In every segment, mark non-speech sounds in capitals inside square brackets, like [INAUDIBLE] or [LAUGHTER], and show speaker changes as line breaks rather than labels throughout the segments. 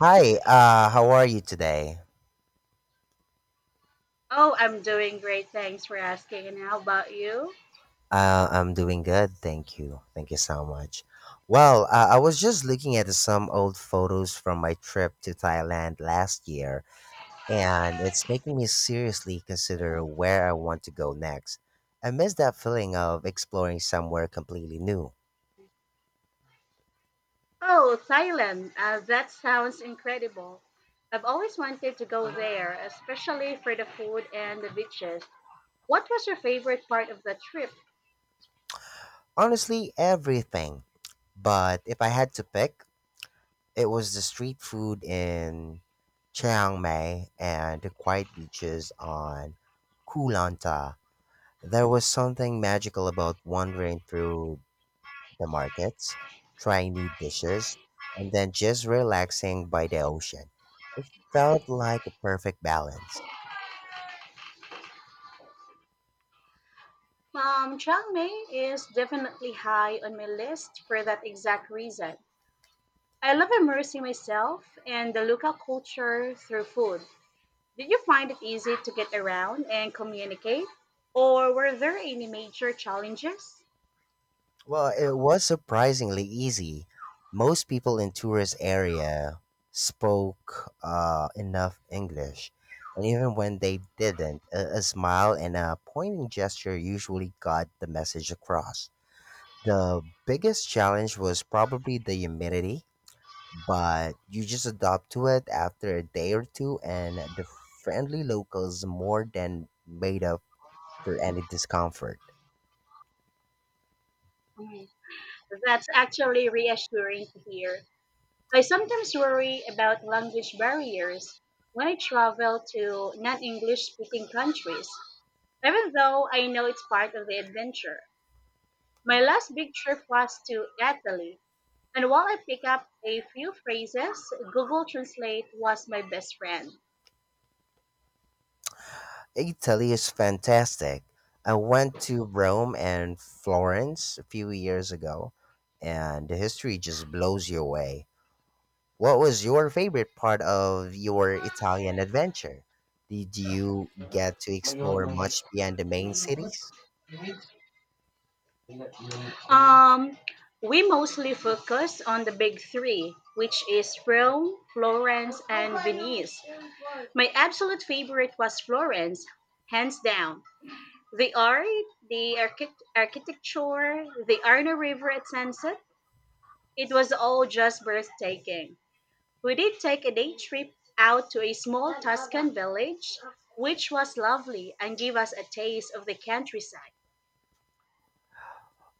Hi, how are you today?
Oh, I'm doing great. Thanks for asking. And how about you?
I'm doing good, thank you. Thank you so much. Well, I was just looking at some old photos from my trip to Thailand last year, and it's making me seriously consider where I want to go next. I miss that feeling of exploring somewhere completely new.
Oh, Thailand. That sounds incredible. I've always wanted to go there, especially for the food and the beaches. What was your favorite part of the trip?
Honestly, everything. But if I had to pick, it was the street food in Chiang Mai and the quiet beaches on Koh Lanta. There was something magical about wandering through the markets, trying new dishes, and then just relaxing by the ocean. Felt like a perfect balance.
Chiang Mai is definitely high on my list for that exact reason. I love immersing myself in the local culture through food. Did you find it easy to get around and communicate? Or were there any major challenges?
Well, it was surprisingly easy. Most people in tourist area spoke enough English, and even when they didn't, a smile and a pointing gesture usually got the message across. The biggest challenge was probably the humidity, but you just adapt to it after a day or two, and the friendly locals more than made up for any discomfort.
That's actually reassuring to hear. I sometimes worry about language barriers when I travel to non English speaking countries, even though I know it's part of the adventure. My last big trip was to Italy, and while I picked up a few phrases, Google Translate was my best friend.
Italy is fantastic. I went to Rome and Florence a few years ago, and the history just blows you away. What was your favorite part of your Italian adventure? Did you get to explore much beyond the main cities?
Um, we mostly focus on the big three, which is Rome, Florence, and Venice. My absolute favorite was Florence, hands down. The art, the architecture, the Arno River at sunset, it was all just breathtaking. We did take a day trip out to a small Tuscan village, which was lovely and gave us a taste of the countryside.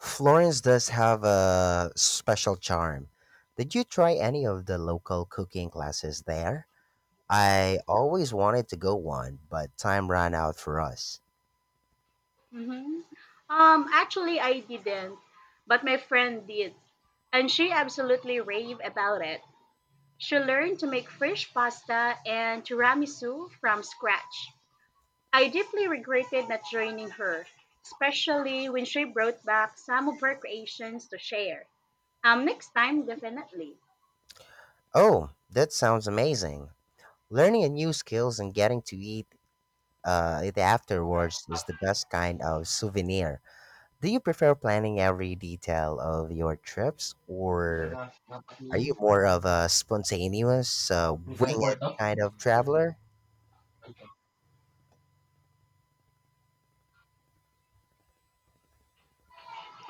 Florence does have a special charm. Did you try any of the local cooking classes there? I always wanted to go one, but time ran out for us.
Mm-hmm. Actually, I didn't, but my friend did, and she absolutely raved about it. She learned to make fresh pasta and tiramisu from scratch. I deeply regretted not joining her, especially when she brought back some of her creations to share. Next time, definitely.
Oh, that sounds amazing. Learning a new skills and getting to eat it afterwards is the best kind of souvenir. Do you prefer planning every detail of your trips, or are you more of a spontaneous, wing it kind of traveler?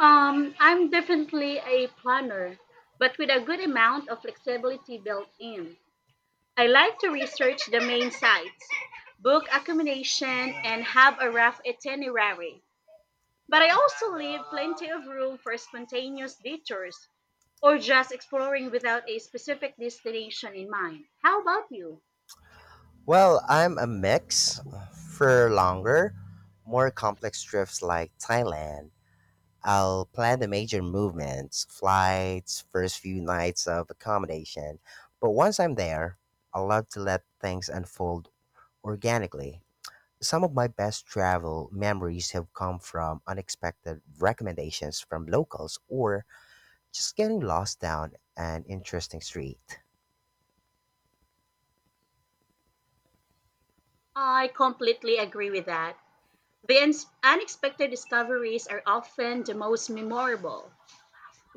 I'm definitely a planner, but with a good amount of flexibility built in. I like to research the main sites, book accommodation, and have a rough itinerary. But I also leave plenty of room for spontaneous detours or just exploring without a specific destination in mind. How about you?
Well, I'm a mix. For longer, more complex trips like Thailand, I'll plan the major movements, flights, first few nights of accommodation. But once I'm there, I love to let things unfold organically. Some of my best travel memories have come from unexpected recommendations from locals or just getting lost down an interesting street.
I completely agree with that. The unexpected discoveries are often the most memorable.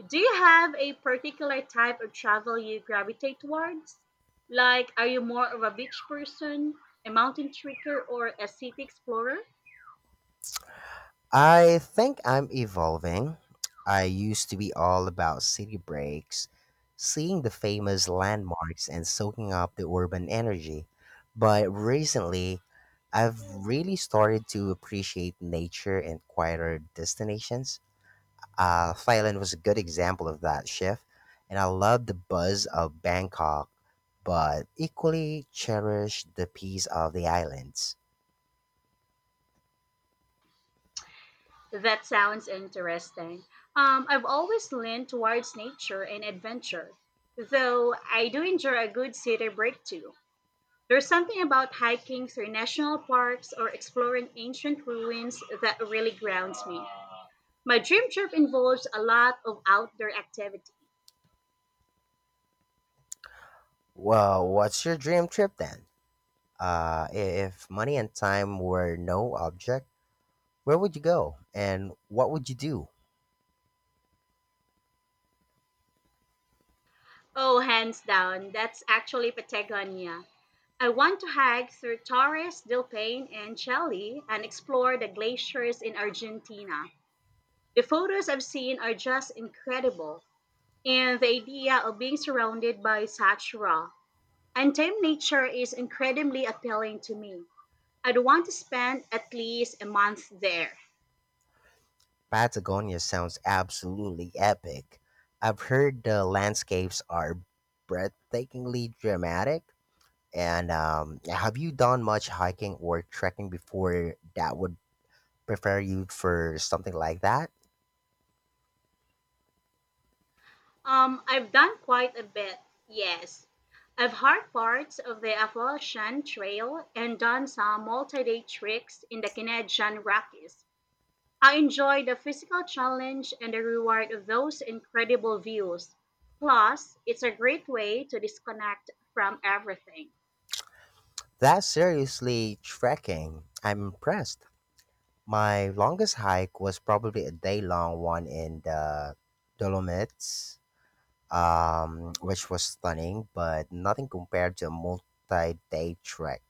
Do you have a particular type of travel you gravitate towards? Like, are you more of a beach person, a mountain trekker, or a city explorer?
I think I'm evolving. I used to be all about city breaks, seeing the famous landmarks and soaking up the urban energy. But recently, I've really started to appreciate nature and quieter destinations. Thailand was a good example of that shift, and I love the buzz of Bangkok, but equally cherish the peace of the islands.
That sounds interesting. I've always leaned towards nature and adventure, though I do enjoy a good city break too. There's something about hiking through national parks or exploring ancient ruins that really grounds me. My dream trip involves a lot of outdoor activities.
Well, what's your dream trip then? Uh, if money and time were no object, where would you go and what would you do?
Oh, hands down, that's actually Patagonia. I want to hike through Torres del Paine and Chile and explore the glaciers in Argentina. The photos I've seen are just incredible, and the idea of being surrounded by such raw, untamed nature is incredibly appealing to me. I'd want to spend at least a month there.
Patagonia sounds absolutely epic. I've heard the landscapes are breathtakingly dramatic. And have you done much hiking or trekking before that would prepare you for something like that?
I've done quite a bit, yes. I've hiked parts of the Appalachian Trail and done some multi day tricks in the Canadian Rockies. I enjoy the physical challenge and the reward of those incredible views. Plus, it's a great way to disconnect from everything.
That's seriously trekking. I'm impressed. My longest hike was probably a day long one in the Dolomites, which was stunning, but nothing compared to a multi day trek.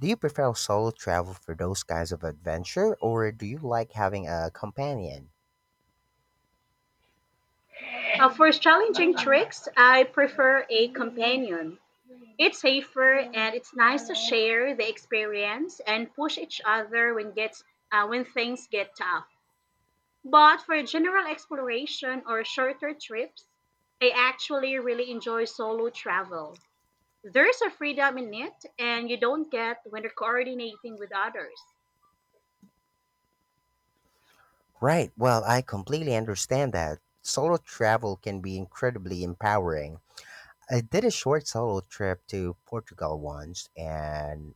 Do you prefer solo travel for those kinds of adventure, or do you like having a companion?
For challenging tricks, I prefer a companion. It's safer and it's nice to share the experience and push each other when things get tough. But for general exploration or shorter trips, I actually really enjoy solo travel. There's a freedom in it, and you don't get when you're coordinating with others.
Right, well, I completely understand that. Solo travel can be incredibly empowering. I did a short solo trip to Portugal once, and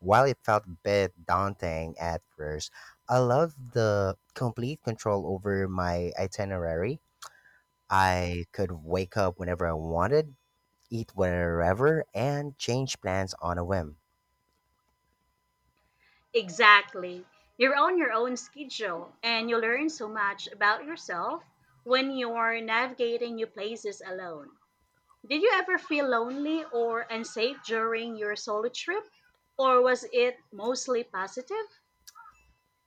while it felt a bit daunting at first, I loved the complete control over my itinerary. I could wake up whenever I wanted, eat wherever, and change plans on a whim.
Exactly. You're on your own schedule, and you learn so much about yourself when you're navigating new places alone. Did you ever feel lonely or unsafe during your solo trip, or was it mostly positive?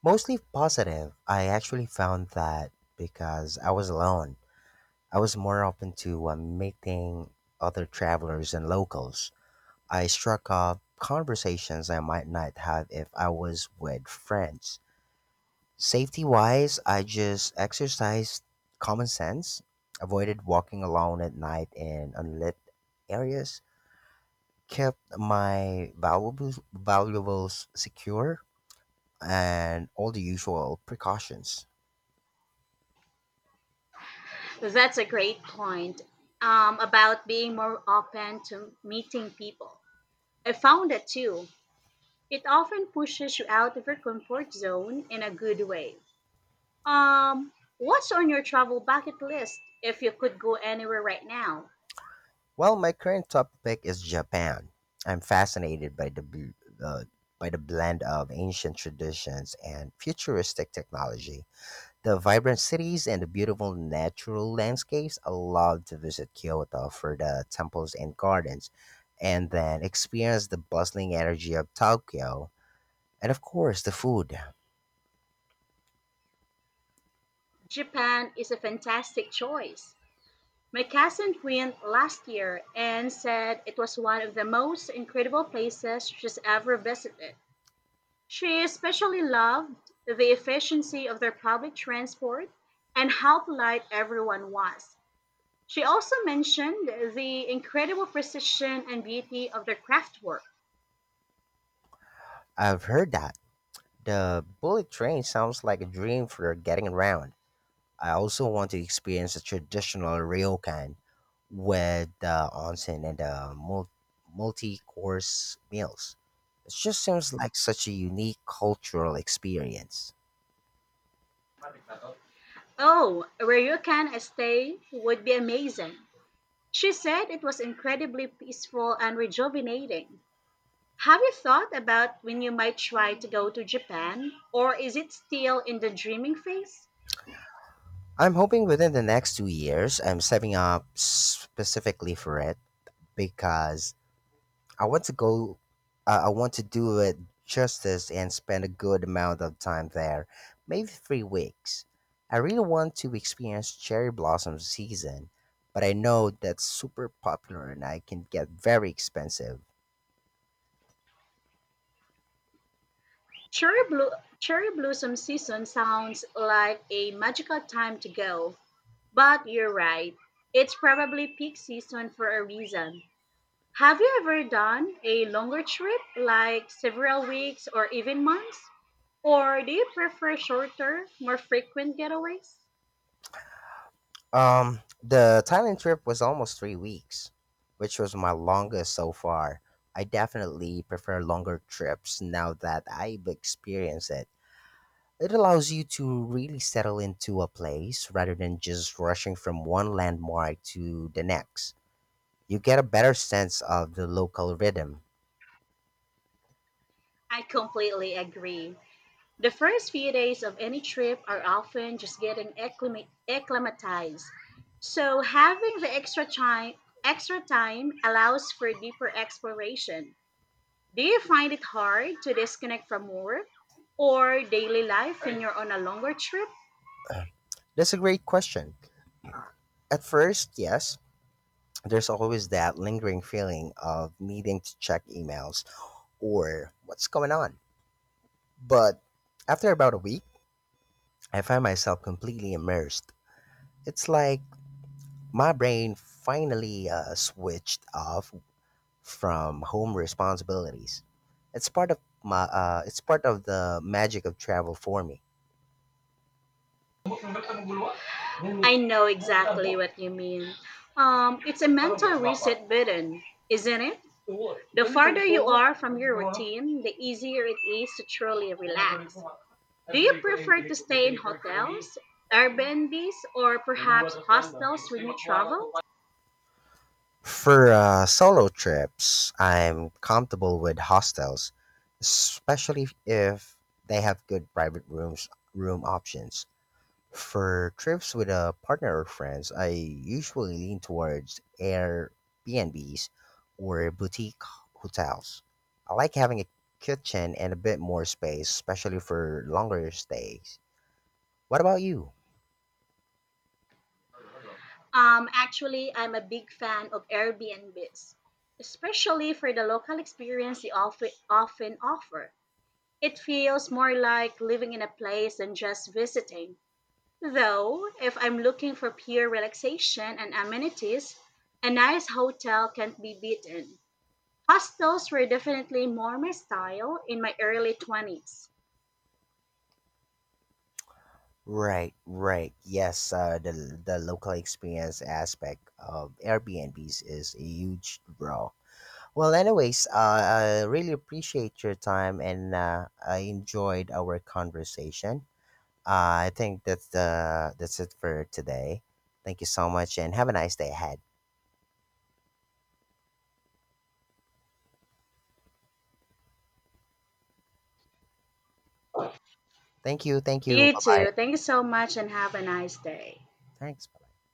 Mostly positive. I actually found that because I was alone, I was more open to meeting other travelers and locals. I struck up conversations I might not have if I was with friends. Safety wise, I just exercised common sense, avoided walking alone at night in unlit areas, kept my valuables secure, and all the usual precautions.
That's a great point about being more open to meeting people. I found that too. It often pushes you out of your comfort zone in a good way. Um, what's on your travel bucket list if you could go anywhere right now?
Well, my current topic is Japan. I'm fascinated by the uh, by the blend of ancient traditions and futuristic technology. The vibrant cities and the beautiful natural landscapes. I love to visit Kyoto for the temples and gardens and then experience the bustling energy of Tokyo. And of course, the food.
Japan is a fantastic choice. My cousin went last year and said it was one of the most incredible places she's ever visited. She especially loved the efficiency of their public transport and how polite everyone was. She also mentioned the incredible precision and beauty of their craftwork.
I've heard that. The bullet train sounds like a dream for getting around. I also want to experience the traditional ryokan with the onsen and the multi course meals. It just seems like such a unique cultural experience.
Oh, where you can stay would be amazing. She said it was incredibly peaceful and rejuvenating. Have you thought about when you might try to go to Japan, or is it still in the dreaming phase?
I'm hoping within the next 2 years, I'm setting up specifically for it because I want to go. I want to do it justice and spend a good amount of time there, maybe 3 weeks. I really want to experience cherry blossom season, but I know that's super popular and I can get very expensive.
Cherry, blo- Cherry blossom season sounds like a magical time to go, but you're right. It's probably peak season for a reason. Have you ever done a longer trip, like several weeks or even months? Or do you prefer shorter, more frequent getaways?
The Thailand trip was almost 3 weeks, which was my longest so far. I definitely prefer longer trips now that I've experienced it. It allows you to really settle into a place rather than just rushing from one landmark to the next. You get a better sense of the local rhythm.
I completely agree. The first few days of any trip are often just getting acclimatized. So having the extra time allows for deeper exploration. Do you find it hard to disconnect from work or daily life when you're on a longer trip?
[CLEARS THROAT] That's a great question. At first, yes, there's always that lingering feeling of needing to check emails or what's going on. But after about a week, I find myself completely immersed. It's like my brain finally switched off from home responsibilities. It's part of it's part of the magic of travel for me.
I know exactly what you mean. It's a mental reset button, isn't it? The farther you are from your routine, the easier it is to truly relax. Do you prefer to stay in hotels, Airbnbs, or perhaps hostels when you travel?
For solo trips, I'm comfortable with hostels, especially if they have good private room options. For trips with a partner or friends, I usually lean towards Airbnbs or boutique hotels. I like having a kitchen and a bit more space, especially for longer stays. What about you?
Actually, I'm a big fan of Airbnbs, especially for the local experience they often offer. It feels more like living in a place than just visiting. Though, if I'm looking for pure relaxation and amenities, a nice hotel can't be beaten. Hostels were definitely more my style in my early 20s.
Right, right. Yes, the local experience aspect of Airbnbs is a huge draw. Well, anyways, I really appreciate your time, and I enjoyed our conversation. I think that's it for today. Thank you so much and have a nice day ahead. Thank you, thank you.
You
Bye bye.
too. Thank you so much and have a nice day.
Thanks. Bye bye.